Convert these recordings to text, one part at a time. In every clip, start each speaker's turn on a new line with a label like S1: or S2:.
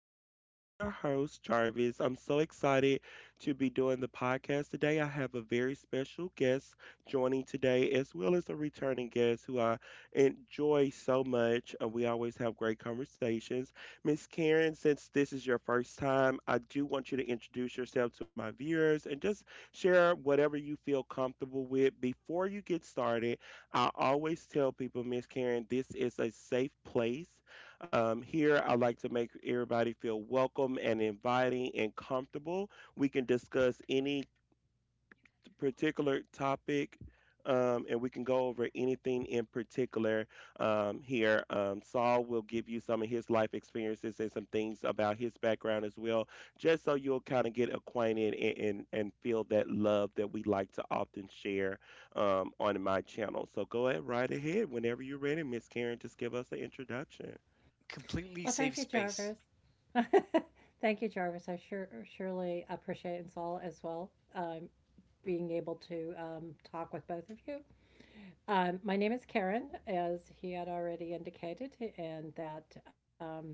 S1: Jarvis. I am your host, Jarvis. I'm so excited to be doing the podcast today. I have a very special guest joining today, as well as a returning guest who I enjoy so much. And we always have great conversations. Miss Karen, since this is your first time, I do want you to introduce yourself to my viewers and just share whatever you feel comfortable with. Before you get started, I always tell people, Miss Karen, this is a safe place here. I like to make everybody feel welcome and inviting and comfortable. We can discuss any particular topic. And we can go over anything in particular here. Saul will give you some of his life experiences and some things about his background as well, just so you'll kind of get acquainted and feel that love that we like to often share on my channel. So go ahead, right ahead whenever you're ready, Miss Karen. Just give us an introduction.
S2: Completely
S3: Well, thank
S2: save
S3: you,
S2: space.
S3: Jarvis. Thank you, Jarvis. I surely appreciate and Saul as well, um, being able to talk with both of you. My name is Karen, as he had already indicated, and that,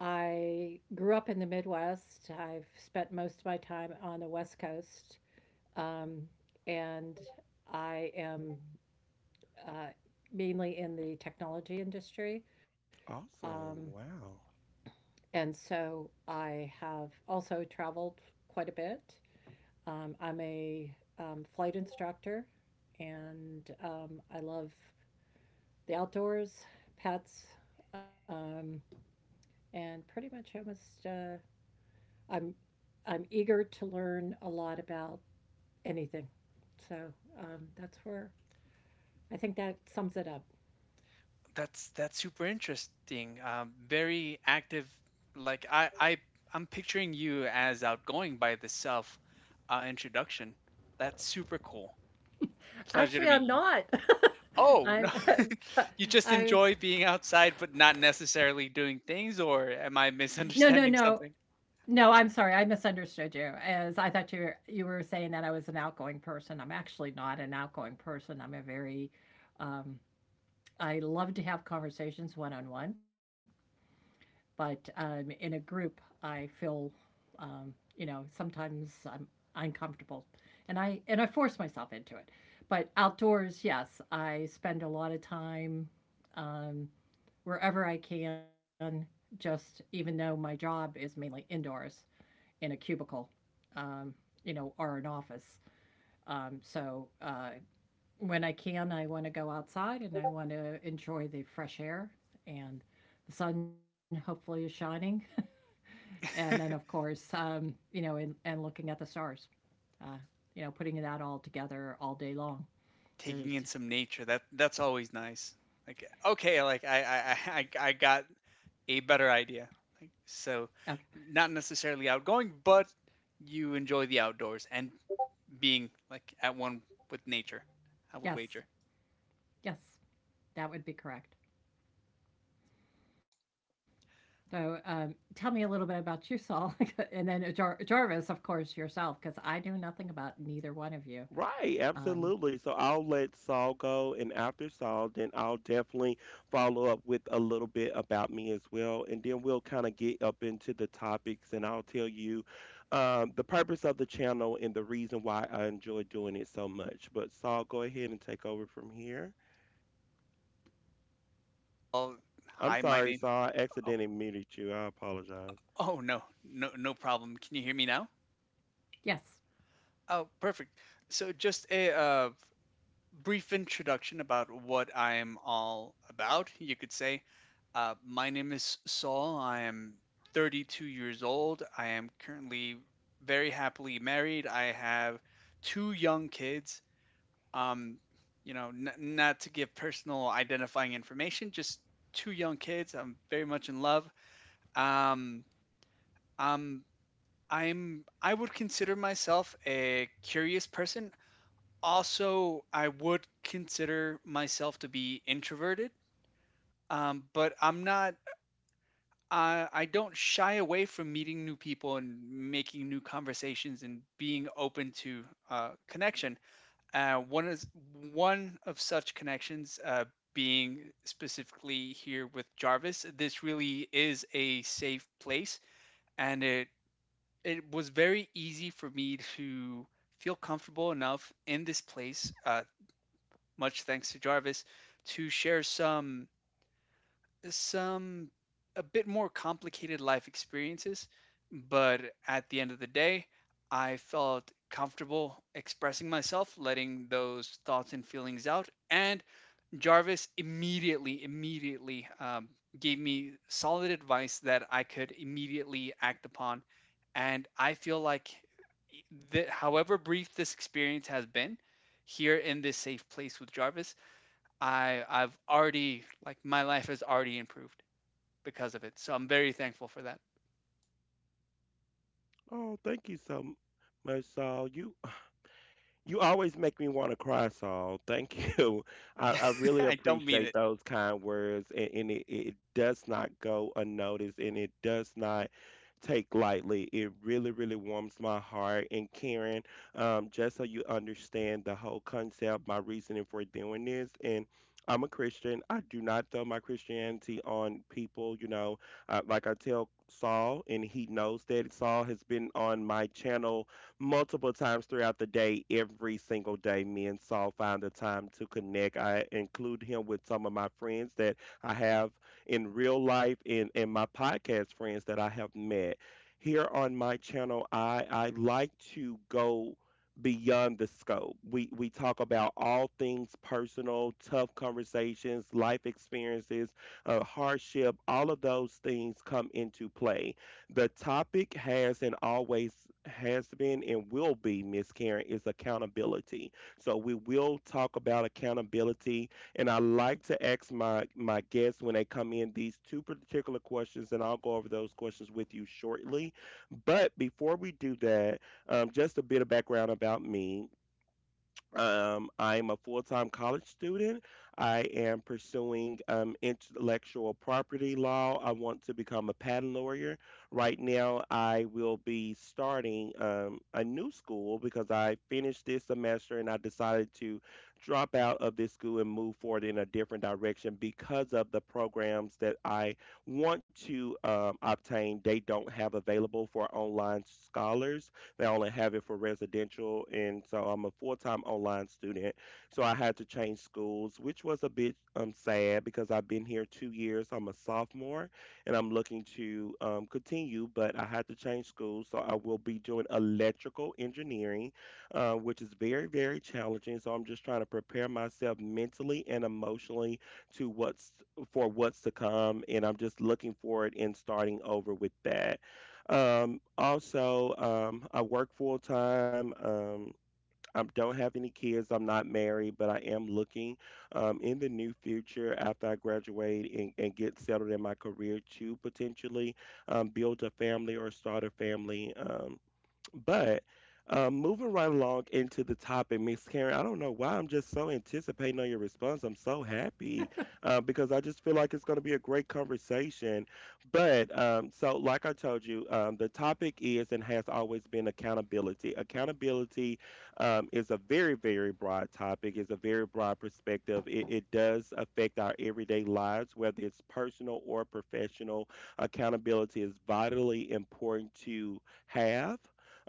S3: I grew up in the Midwest. I've spent most of my time on the West Coast, um, and I am, uh, mainly in the technology industry.
S1: Awesome.
S3: Um,
S1: Wow.
S3: And so I have also traveled quite a bit. I'm a flight instructor, and I love the outdoors, pets, um, and pretty much almost, uh, I'm I'm eager to learn a lot about anything. So that's where, I think that sums it up.
S2: That's super interesting. Very active. Like I'm picturing you as outgoing by the self introduction. That's super cool. Pleasure to
S3: Actually,
S2: meet
S3: I'm
S2: you.
S3: not.
S2: Oh no,
S3: I'm
S2: you just
S3: I'm
S2: enjoy being outside, but not necessarily doing things. Or am I
S3: no no no.
S2: misunderstanding something?
S3: No, I'm sorry. I misunderstood you. As I thought you were saying that I was an outgoing person. I'm actually not an outgoing person. I'm a very, um, I love to have conversations one on one, but in a group, I feel, um, you know, sometimes I'm uncomfortable, and I force myself into it. But outdoors, yes, I spend a lot of time um, wherever I can. Just even though my job is mainly indoors, in a cubicle, um, you know, or an office. So when I can, I want to go outside and I want to enjoy the fresh air, and the sun hopefully is shining. And then, of course, you know, and looking at the stars, uh, you know, putting that all together all day long.
S2: Taking in
S3: There's,
S2: some nature. That's always nice. Like okay, like I got a better idea. Like,
S3: okay.
S2: so, not necessarily outgoing, but you enjoy the outdoors and being like at one with nature. I would
S3: Yes,
S2: wager.
S3: yes, that would be correct. So tell me a little bit about you, Saul, and then Jarvis, of course, yourself, because I know nothing about neither one of you.
S1: Right,
S3: Um,
S1: absolutely. So I'll let Saul go, and after Saul, then I'll definitely follow up with a little bit about me as well. And then we'll kind of get up into the topics, and I'll tell you the purpose of the channel and the reason why I enjoy doing it so much. But Saul, go ahead and take over from here.
S2: Oh,
S1: I'm
S2: hi, my
S1: sorry,
S2: name.
S1: Saul. I
S2: Oh,
S1: accidentally muted you. I apologize.
S2: oh no, no, no problem. Can you hear me now?
S3: yes.
S2: Oh, perfect. So, just a brief introduction about what I am all about, you could say. My name is Saul. I am 32 years old. I am currently very happily married. I have two young kids. Um, you know, not to give personal identifying information, just two young kids. I'm very much in love. Um, um, I'm I would consider myself a curious person. Also, I would consider myself to be introverted. But I'm not I don't shy away from meeting new people and making new conversations and being open to connection. Uh, one is One of such connections being specifically here with Jarvis. This really is a safe place, and it was very easy for me to feel comfortable enough in this place, much thanks to Jarvis, to share some a bit more complicated life experiences, but at the end of the day, I felt comfortable expressing myself, letting those thoughts and feelings out, and Jarvis immediately gave me solid advice that I could immediately act upon, and I feel like that however brief this experience has been here in this safe place with Jarvis, I've already, like my life has already improved because of it. So I'm very thankful for that.
S1: Oh, thank you so much, Saul. You always make me want to cry, Saul. Thank you. I really
S2: I don't mean
S1: appreciate
S2: it.
S1: those kind words, and it does not go unnoticed, and it does not take lightly. It really, really warms my heart. And Karen, just so you understand the whole concept, my reasoning for doing this, and I'm a Christian. I do not throw my Christianity on people. You know, like I tell Saul, and he knows that Saul has been on my channel multiple times throughout the day, every single day. Me and Saul find the time to connect. I include him with some of my friends that I have in real life and, my podcast friends that I have met. Here on my channel, I like to go beyond the scope. We talk about all things personal, tough conversations, life experiences, hardship, all of those things come into play. The topic has and always has been and will be, Miss Karen, is accountability. So we will talk about accountability. And I like to ask my guests when they come in these two particular questions, and I'll go over those questions with you shortly. But before we do that, just a bit of background about me. I'm a full time college student. I am pursuing intellectual property law. I want to become a patent lawyer. Right now, I will be starting a new school because I finished this semester and I decided to drop out of this school and move forward in a different direction because of the programs that I want to obtain, they don't have available for online scholars. They only have it for residential. And so I'm a full time online student. So I had to change schools, which was a bit sad because I've been here 2 years. I'm a sophomore and I'm looking to continue, but I had to change schools. So I will be doing electrical engineering, which is very, very challenging. So I'm just trying to prepare myself mentally and emotionally to what's for what's to come, and I'm just looking forward and starting over with that. Also, I work full time. I don't have any kids. I'm not married, but I am looking in the new future, after I graduate and get settled in my career, to potentially build a family or start a family. But moving right along into the topic, Miss Karen, I don't know why I'm just so anticipating on your response. I'm so happy because I just feel like it's going to be a great conversation. But so, like I told you, the topic is and has always been accountability. Accountability is a very, very broad topic. It's a very broad perspective. It does affect our everyday lives, whether it's personal or professional. Accountability is vitally important to have.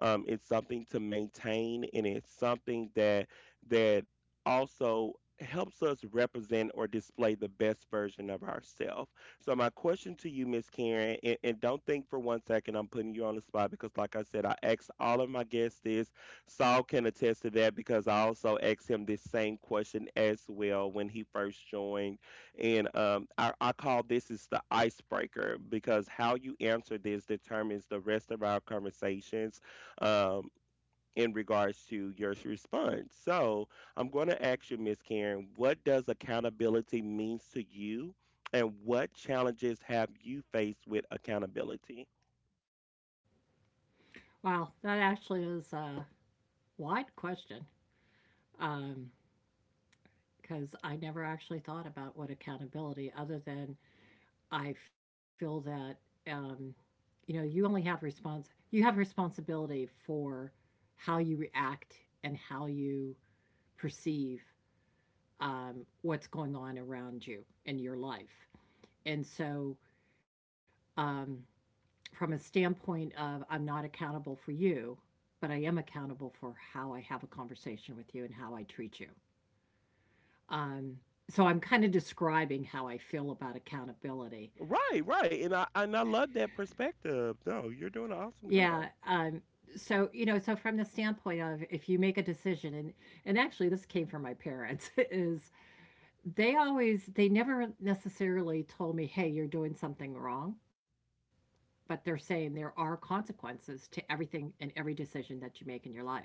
S1: It's something to maintain, and it's something that that also helps us represent or display the best version of ourselves. So my question to you, Miss Karen, and, don't think for 1 second I'm putting you on the spot because, like I said, I asked all of my guests this. Saul can attest to that because I also asked him this same question as well when he first joined, and I call this is the icebreaker because how you answer this determines the rest of our conversations um, in regards to your response. So I'm going to ask you, Miss Karen, what does accountability means to you, and what challenges have you faced with accountability?
S3: Wow, that actually is a wide question Um. because I never actually thought about what accountability, other than I feel that, um, you know, you have responsibility for how you react and how you perceive what's going on around you in your life. And so, um, from a standpoint of I'm not accountable for you, but I am accountable for how I have a conversation with you and how I treat you. Um, so I'm kind of describing how I feel about accountability.
S1: Right, right, and I love that perspective. No, you're doing an awesome
S3: Yeah.
S1: job.
S3: So you know, so from the standpoint of if you make a decision, and actually this came from my parents, is they always, they never necessarily told me, hey, you're doing something wrong, but they're saying there are consequences to everything and every decision that you make in your life.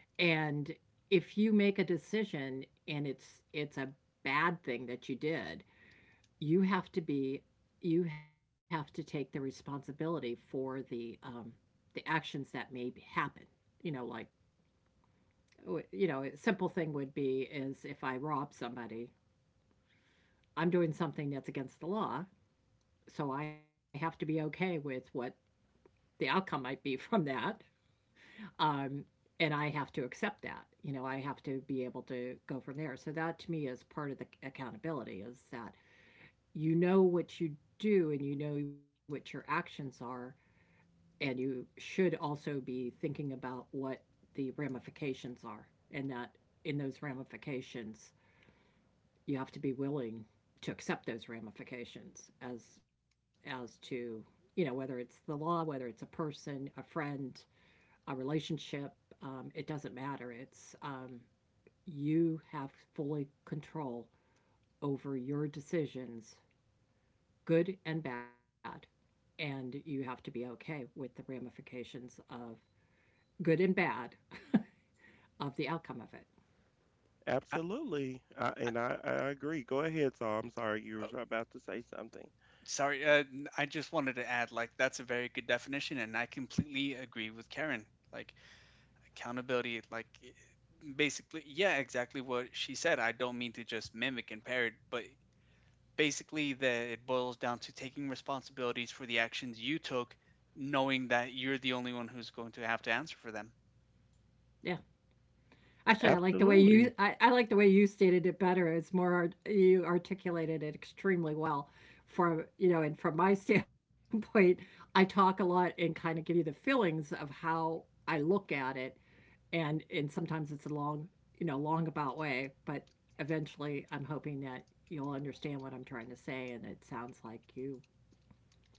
S3: And if you make a decision and it's a bad thing that you did, you have to be you have to take the responsibility for the, the actions that may happen. You know, like, you know, a simple thing would be is if I rob somebody, I'm doing something that's against the law, so I have to be okay with what the outcome might be from that. Um, and I have to accept that. You know, I have to be able to go from there. So that to me is part of the accountability is that you know what you do and you know what your actions are, and you should also be thinking about what the ramifications are, and that in those ramifications you have to be willing to accept those ramifications as to, you know, whether it's the law, whether it's a person, a friend, a relationship, it doesn't matter. It's, you have fully control over your decisions, good and bad. And you have to be okay with the ramifications of good and bad, of the outcome of it.
S2: I,
S1: Absolutely, I,
S2: I,
S1: and I, I agree. Go ahead, Saul. I'm sorry, you
S2: oh,
S1: were about to say something.
S2: sorry. N- I just wanted to add, like, that's a very good definition, and I completely agree with Karen. Like, accountability, like, basically, yeah, exactly what she said. I don't mean to just mimic and parrot, but basically, that it boils down to taking responsibilities for the actions you took, knowing that you're the only one who's going to have to answer for them.
S3: Yeah. Actually, I like the way you,
S1: Absolutely.
S3: I like the way you stated it better. It's more art, you articulated it extremely well. From, you know, and from my standpoint, I talk a lot and kind of give you the feelings of how I look at it, and sometimes it's a long, you know, long about way, but eventually I'm hoping that you'll understand what I'm trying to say, and it sounds like you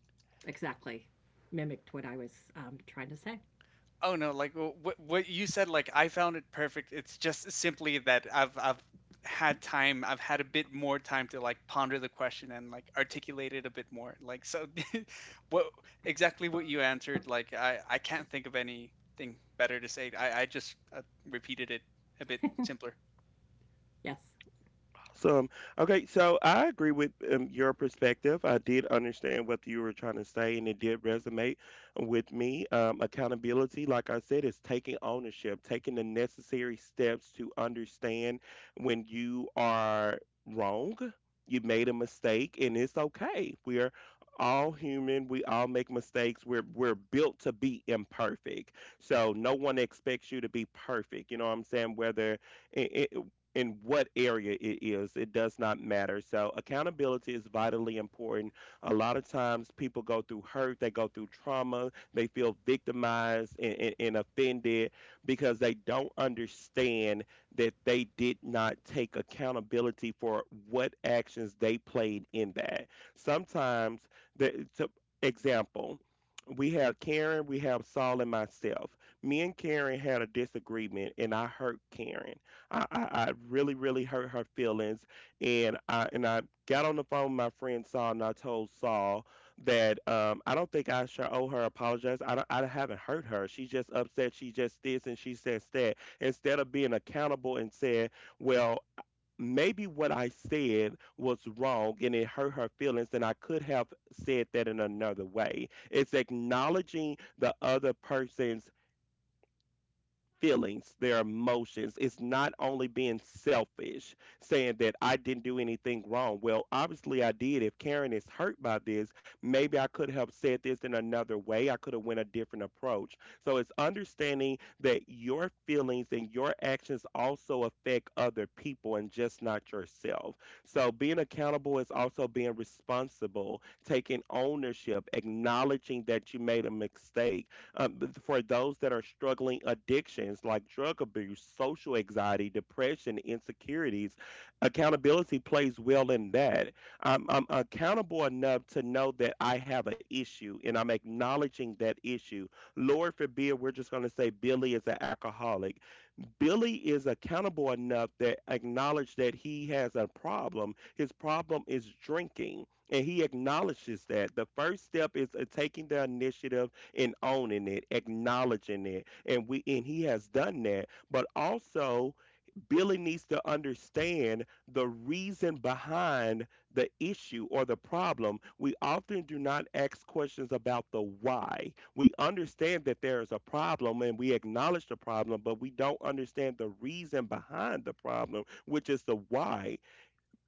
S3: exactly mimicked what I was trying to say.
S2: Oh no, like what you said, like I found it perfect. It's just simply that I've had time, I've had a bit more time to like ponder the question and like articulate it a bit more. Like so what exactly what you answered, like I can't think of anything better to say. I just repeated it a bit simpler.
S3: Yes.
S1: Awesome. Okay, so I agree with your perspective. I did understand what you were trying to say, and it did resonate with me. Accountability, like I said, is taking ownership, taking the necessary steps to understand when you are wrong, you made a mistake, and it's okay. We are all human. We all make mistakes. We're built to be imperfect. So no one expects you to be perfect. You know what I'm saying? Whether it, it- in what area it is, it does not matter. So, accountability is vitally important. A lot of times, people go through hurt, they go through trauma, they feel victimized and offended because they don't understand that they did not take accountability for what actions they played in that. Sometimes, the to, example, we have Karen, we have Saul, and myself. Me and Karen had a disagreement, and I hurt Karen. I really, really hurt her feelings, and I got on the phone with my friend Saul, and I told Saul that I don't think I should owe her apologize. I haven't hurt her. She's just upset. She just this and she says that. Instead of being accountable and saying, well, maybe what I said was wrong and it hurt her feelings, and I could have said that in another way. It's acknowledging the other person's feelings, their emotions. It's not only being selfish, saying that I didn't do anything wrong. Well, obviously I did. If Karen is hurt by this, maybe I could have said this in another way. I could have went a different approach. So it's understanding that your feelings and your actions also affect other people and just not yourself. So being accountable is also being responsible, taking ownership, acknowledging that you made a mistake. um, for those that are struggling addictions like drug abuse, social anxiety, depression, insecurities, accountability plays well in that. I'm accountable enough to know that I have an issue, and I'm acknowledging that issue. Lord forbid, we're just going to say Billy is an alcoholic. Billy is accountable enough that acknowledge that he has a problem. His problem is drinking, and he acknowledges that. The first step is taking the initiative and owning it, acknowledging it, and we and he has done that. But also, Billy needs to understand the reason behind the issue or the problem. We often do not ask questions about the why. We understand that there is a problem and we acknowledge the problem, but we don't understand the reason behind the problem, which is the why.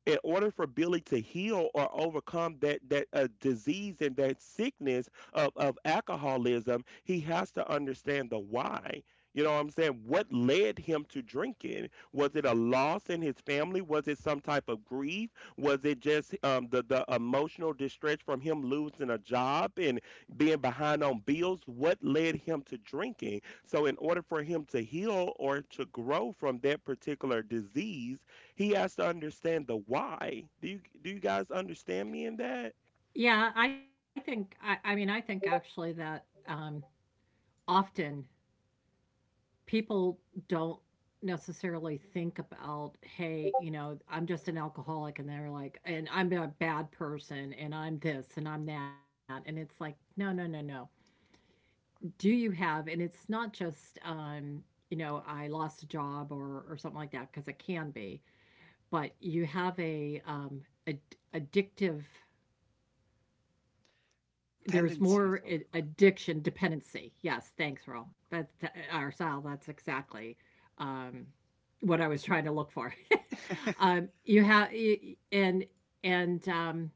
S1: In order for Billy to heal or overcome that disease and that sickness of alcoholism, he has to understand the why. You know what I'm saying? What led him to drinking? Was it a loss in his family? Was it some type of grief? Was it just the emotional distress from him losing a job and being behind on bills? What led him to drinking? So, in order for him to heal or to grow from that particular disease, he has to understand the why. Do you guys understand me in that?
S3: Yeah, I think, I mean, I think actually that, often people don't necessarily think about, hey, you know, I'm just an alcoholic, and they're like, and I'm a bad person, and I'm this, and I'm that. And it's like, no, no, no, no. Do you have, and it's not just, you know, I lost a job or something like that, because it can be, but you have a, ad- addictive, there's
S2: Tendencies
S3: more addiction, dependency. Yes, thanks Ro. Our Sal, that's exactly, um what I was trying to look for.
S2: or
S3: You have, and and,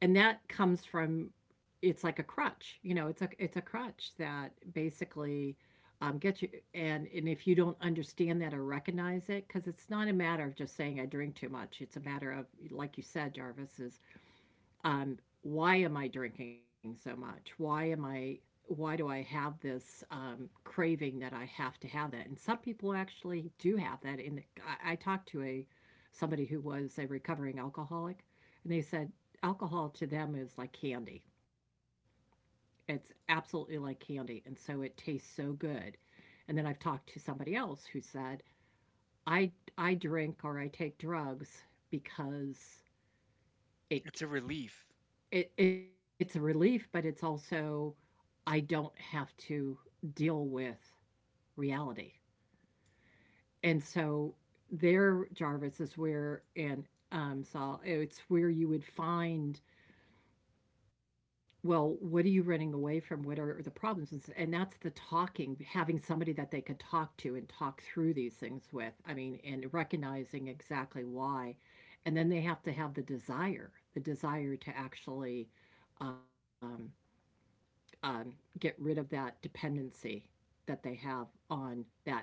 S3: and that comes from, it's like a crutch, you know, it's a crutch that basically, gets you. And if you don't understand that or recognize it, because it's not a matter of just saying I drink too much, it's a matter of, like you said, Jarvis, is on, why am I drinking so much? Why do I have this craving that I have to have that? And some people actually do have that. In the, I talked to a, somebody who was a recovering alcoholic, and they said alcohol to them is like candy. It's absolutely like candy, and so it tastes so good. And then I've talked to somebody else who said I I drink or I take drugs because it
S2: it's a relief.
S3: it, it's a relief, but it's also, I don't have to deal with reality. And so there, Jarvis, is where, and Saul, it's where you would find, well, what are you running away from? What are the problems? And that's the talking, having somebody that they could talk to and talk through these things with. I mean, and recognizing exactly why. And then they have to have the desire to actually um, um, get rid of that dependency that they have on that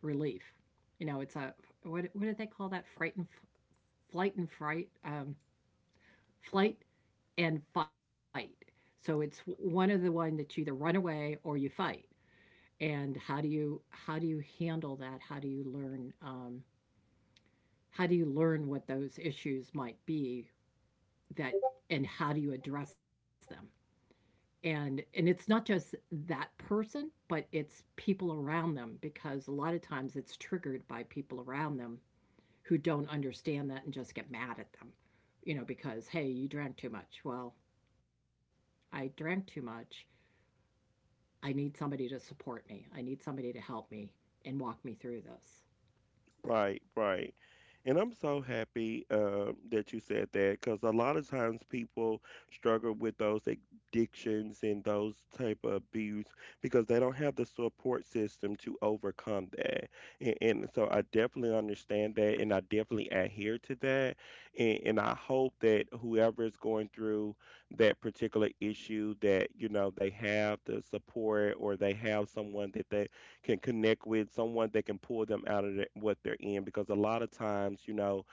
S3: relief. You know, it's a, what do they call that? Fright and flight and fright, flight and fight. So it's one of the one that you either run away or you fight. And how do you handle that? How do you learn? How do you learn what those issues might be? That, and how do you address them? And it's not just that person, but it's people around them, because a lot of times it's triggered by people around them, who don't understand that and just get mad at them, you know, because, hey, you drank too much. Well, I drank too much. I need somebody to support me, I need somebody to help me and walk me through this.
S1: Right, right. And I'm so happy that you said that because a lot of times people struggle with those addictions and those type of abuse because they don't have the support system to overcome that. And, so I definitely understand that, and I definitely adhere to that. And I hope that whoever is going through that particular issue, that they have the support or they have someone that they can connect with, someone that can pull them out of the, what they're in, because a lot of times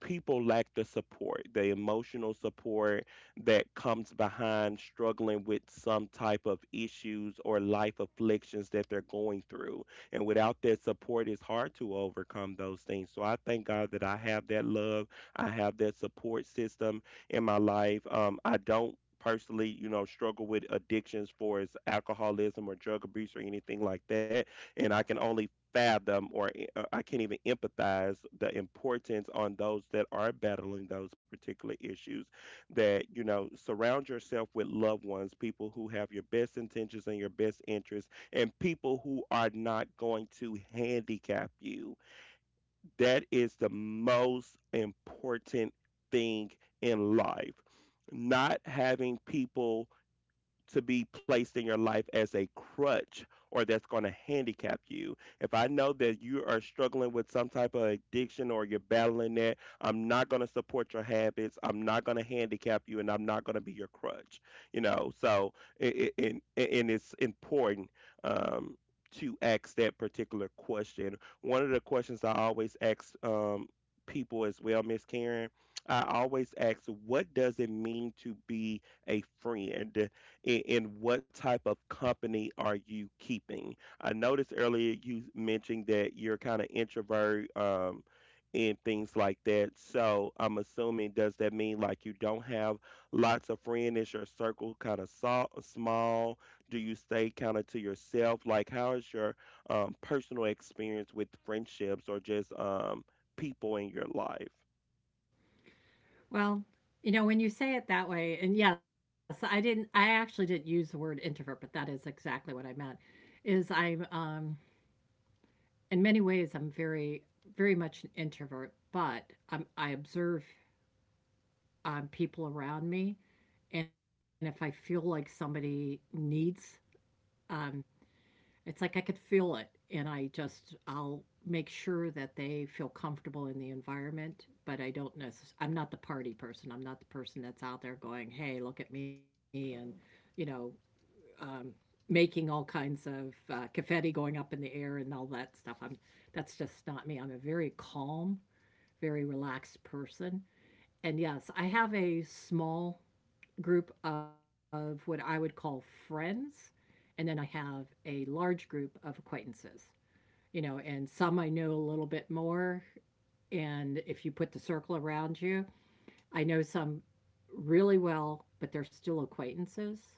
S1: people lack the support, the emotional support that comes behind struggling with some type of issues or life afflictions that they're going through. And without that support, it's hard to overcome those things. So I thank God that I have that love, I have that support system in my life. I don't personally struggle with addictions for as alcoholism or drug abuse or anything like that, and I can only fathom I can't even empathize the importance on those that are battling those particular issues. That, you know, surround yourself with loved ones, people who have your best intentions and your best interests, and people who are not going to handicap you. That is the most important thing in life. Not having people to be placed in your life as a crutch or that's going to handicap you. If I know that you are struggling with some type of addiction or you're battling that, I'm not going to support your habits. I'm not going to handicap you, and I'm not going to be your crutch. You know, so and it's important um, to ask that particular question. One of the questions I always ask people as well, Miss Karen, I always ask, what does it mean to be a friend? And what type of company are you keeping? I noticed earlier you mentioned that you're kind of introvert, and things like that. So I'm assuming, does that mean like you don't have lots of friends? Is your circle kind of small? Do you stay kind of to yourself? Like how is your personal experience with friendships or just people in your life?
S3: Well, you know, when you say it that way, and yes, I actually didn't use the word introvert, but that is exactly what I meant is, I'm, in many ways, I'm very, very much an introvert, but I observe people around me. And if I feel like somebody needs, um, it's like I could feel it. And I just, I'll make sure that they feel comfortable in the environment. But I don't necessarily, I'm not the party person. I'm not the person that's out there going, hey, look at me, and, you know, um, making all kinds of confetti going up in the air and all that stuff. I'm That's just not me. I'm a very calm, very relaxed person. And yes, I have a small group of what I would call friends, and then I have a large group of acquaintances. You know, and some I know a little bit more. And if you put the circle around you, I know some really well, but they're still acquaintances.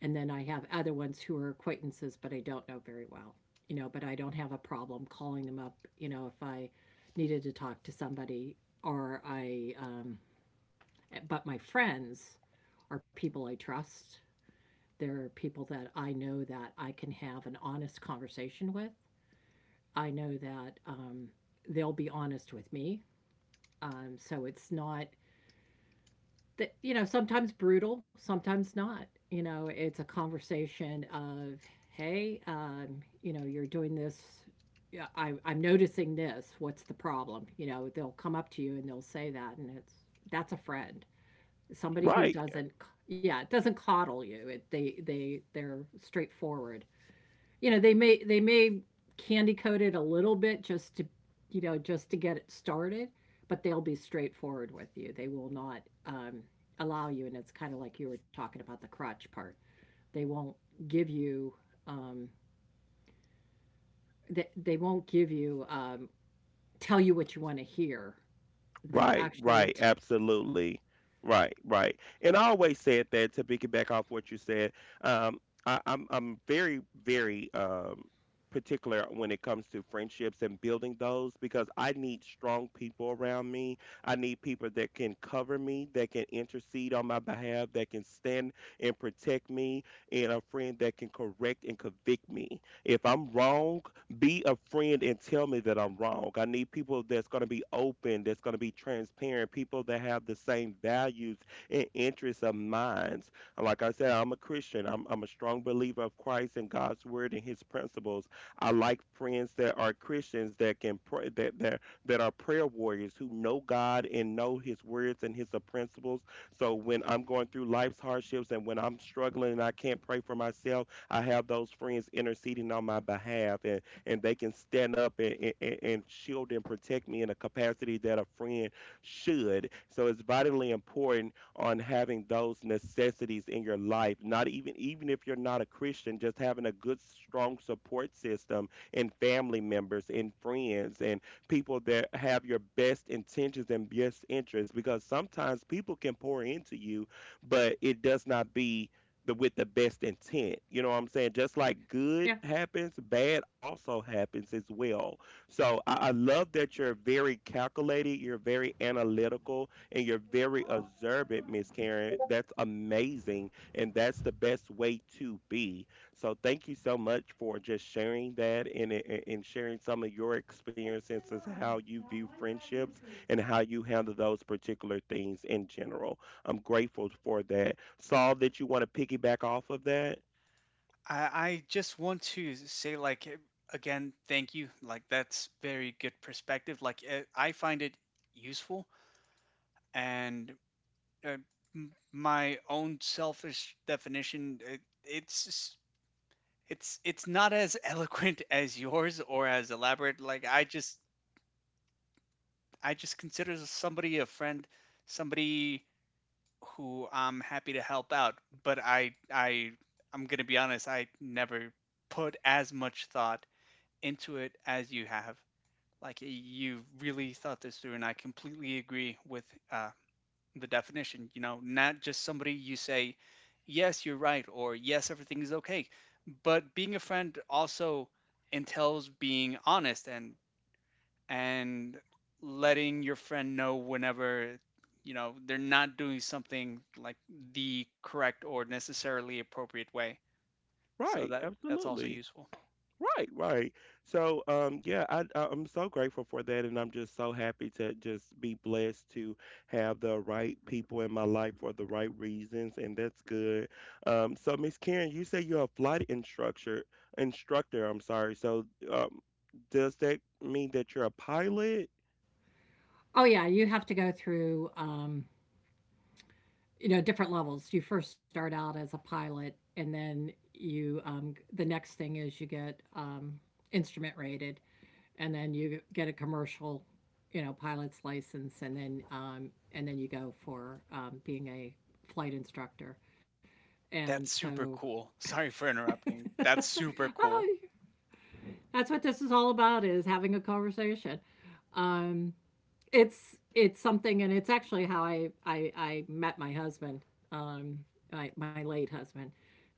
S3: And then I have other ones who are acquaintances, but I don't know very well, you know, but I don't have a problem calling them up, you know, if I needed to talk to somebody, or I, but my friends are people I trust. They're people that I know that I can have an honest conversation with. I know that they'll be honest with me. So it's not that, you know, sometimes brutal, sometimes not, you know, it's a conversation of hey, you know, you're doing this. Yeah, I'm noticing this. What's the problem? You know, they'll come up to you and they'll say that, and it's that's a friend. Somebody who
S1: Right.
S3: doesn't c- yeah, doesn't coddle you. They they're straightforward. You know, they may candy coat it a little bit just to, you know, just to get it started, but they'll be straightforward with you. They will not allow you, and it's kind of like you were talking about, the crotch part, they won't give you, um, they won't give you, tell you what you want to hear. they'll
S1: Right,
S3: actually
S1: right,
S3: t-
S1: absolutely. Right, right. And I always said that to piggyback off what you said. Um, I'm very, very particular when it comes to friendships and building those, because I need strong people around me. I need people that can cover me, that can intercede on my behalf, that can stand and protect me, and a friend that can correct and convict me. If I'm wrong, be a friend and tell me that I'm wrong. I need people that's going to be open, that's going to be transparent, people that have the same values and interests of mine. And like I said, I'm a Christian. I'm a strong believer of Christ and God's word and His principles. I like friends that are Christians that can pray, that are prayer warriors, who know God and know His words and His principles. So when I'm going through life's hardships and when I'm struggling and I can't pray for myself, I have those friends interceding on my behalf. And they can stand up and, shield and protect me in a capacity that a friend should. So it's vitally important on having those necessities in your life. Not even if you're not a Christian, just having a good strong support system and family members and friends and people that have your best intentions and best interests, because sometimes people can pour into you, but it does not be the with the best intent. You know what I'm saying? Just like
S3: yeah.
S1: good happens, bad also happens as well. So I love that you're very calculated, you're very analytical, and you're very observant, Miss Karen. That's amazing, and that's the best way to be. So thank you so much for just sharing that, and sharing some of your experiences as how you view friendships and how you handle those particular things in general. I'm grateful for that. Saw that you want to piggyback off of that?
S2: I just want to say, like again, thank you, like that's very good perspective. Like I find it useful and uh, my own selfish definition, it's it's not as eloquent as yours or as elaborate. Like I just, I just consider somebody a friend, somebody who I'm happy to help out, but I I'm gonna be honest, I never put as much thought into it as you have. Like you've really thought this through, and I completely agree with uh, the definition. You know, not just somebody you say, yes, you're right, or yes, everything is okay. But being a friend also entails being honest and and letting your friend know whenever you know they're not doing something like the correct or necessarily appropriate way.
S1: Right,
S2: So that's also
S1: absolutely.
S2: useful.
S1: Right, right. So, yeah, I'm so grateful for that, and I'm just so happy to just be blessed to have the right people in my life for the right reasons, and that's good. So, Miss Karen, you say you're a flight instructor. Instructor, I'm sorry. So, does that mean that you're a pilot?
S3: Oh yeah, you have to go through, you know, different levels. You first start out as a pilot, and then you, the next thing is you get instrument rated, and then you get a commercial, you know, pilot's license, and then, and then you go for being a flight instructor. And
S2: That's super
S3: so
S2: cool. Sorry for interrupting. That's super cool.
S3: oh, that's what this is all about, is having a conversation. um, it's something, and it's actually how I met my husband, um, my my late husband.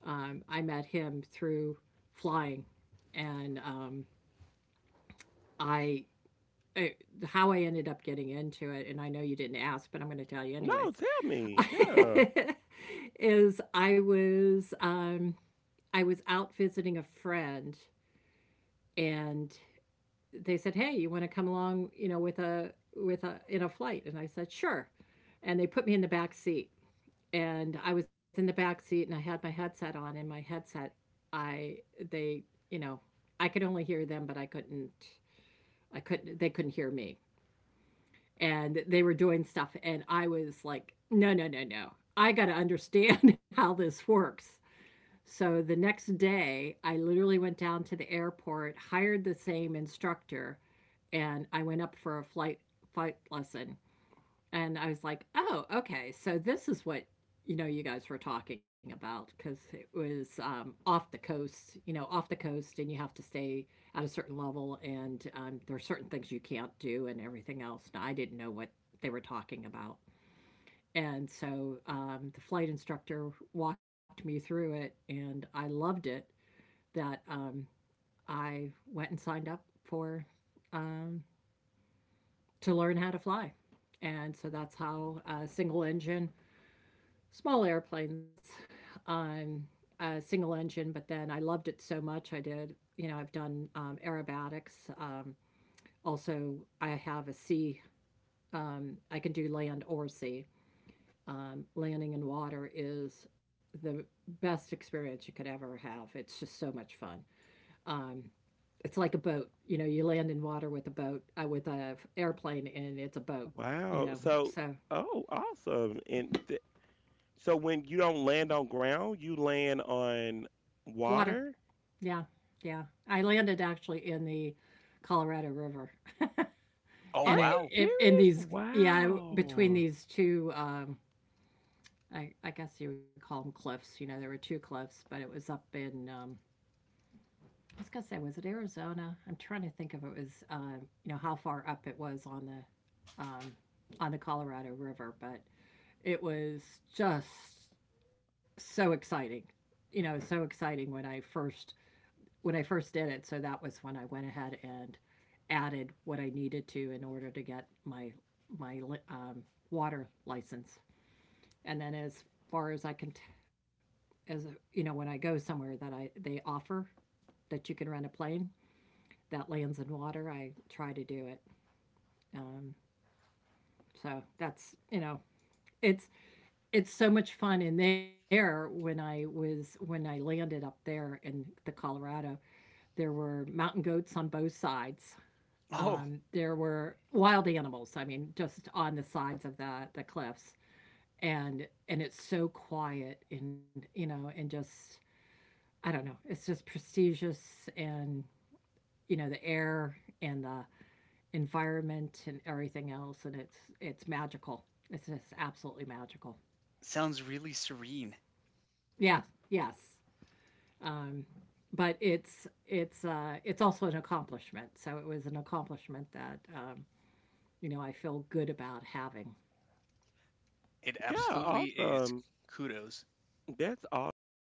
S3: I met him through flying, and I I- how I ended up getting into it, and I know you didn't ask, but I'm going to tell you
S1: No,
S3: anyways.
S1: tell me. Yeah.
S3: Is I was out visiting a friend, and they said, "Hey, you want to come along, you know, with a in a flight?" And I said, "Sure." And they put me in the back seat. And I was in the back seat and I had my headset on, and my headset, I, they, you know, I could only hear them, but I couldn't, I couldn't, they couldn't hear me. And they were doing stuff and I was like, "No, no, no, no. I got to understand how this works." So the next day, I literally went down to the airport, hired the same instructor, and I went up for a flight lesson, and I was like, "Oh, okay. So this is what, you know, you guys were talking about, because it was, off the coast, you know, off the coast, and you have to stay at a certain level, and there are certain things you can't do, and everything else." And I didn't know what they were talking about, and so the flight instructor walked me through it, and I loved it. That, I went and signed up for um, to learn how to fly. And so that's how, single engine, small airplanes, um, single engine. But then I loved it so much. I did, you know, I've done, aerobatics. Also, I have a sea, I can do land or sea. Landing in water is the best experience you could ever have. It's just so much fun. Um, it's like a boat. You know, you land in water with a boat, with a airplane, and it's a boat. You
S1: Wow.
S3: know,
S1: So,
S3: so
S1: oh, awesome. And so when you don't land on ground, you land on
S3: water.
S1: water?
S3: Yeah. Yeah. I landed actually in the Colorado River.
S2: Oh,
S1: Are
S3: And
S1: you
S2: wow.
S3: it in
S1: serious?
S3: these, yeah, between
S1: Wow.
S3: these two, I guess you would call them cliffs. You know, there were two cliffs, but it was up in, I was gonna say, was it Arizona? I'm trying to think if it was, you know, how far up it was on the, um, on the Colorado River, but it was just so exciting. You know, so exciting when I first, when I first did it. So that was when I went ahead and added what I needed to in order to get my my, um, water license. And then as far as I can, as, you know, when I go somewhere that I, they offer that you can rent a plane that lands in water, I try to do it. Um, so that's, you know, it's it's so much fun in there. When I was, when I landed up there in the Colorado, there were mountain goats on both sides.
S2: Oh,
S3: There were wild animals. I mean, just on the sides of the cliffs, and it's so quiet, and you know, and just, I don't know. It's just prestigious and, you know, the air and the environment and everything else, and it's magical. It's just absolutely magical.
S2: sounds really serene.
S3: Yeah. Yes. Um, but it's, it's also an accomplishment. So it was an accomplishment that, you know, I feel good about having.
S2: It
S1: Yeah,
S2: absolutely is.
S1: awesome.
S2: Kudos.
S1: That's awesome.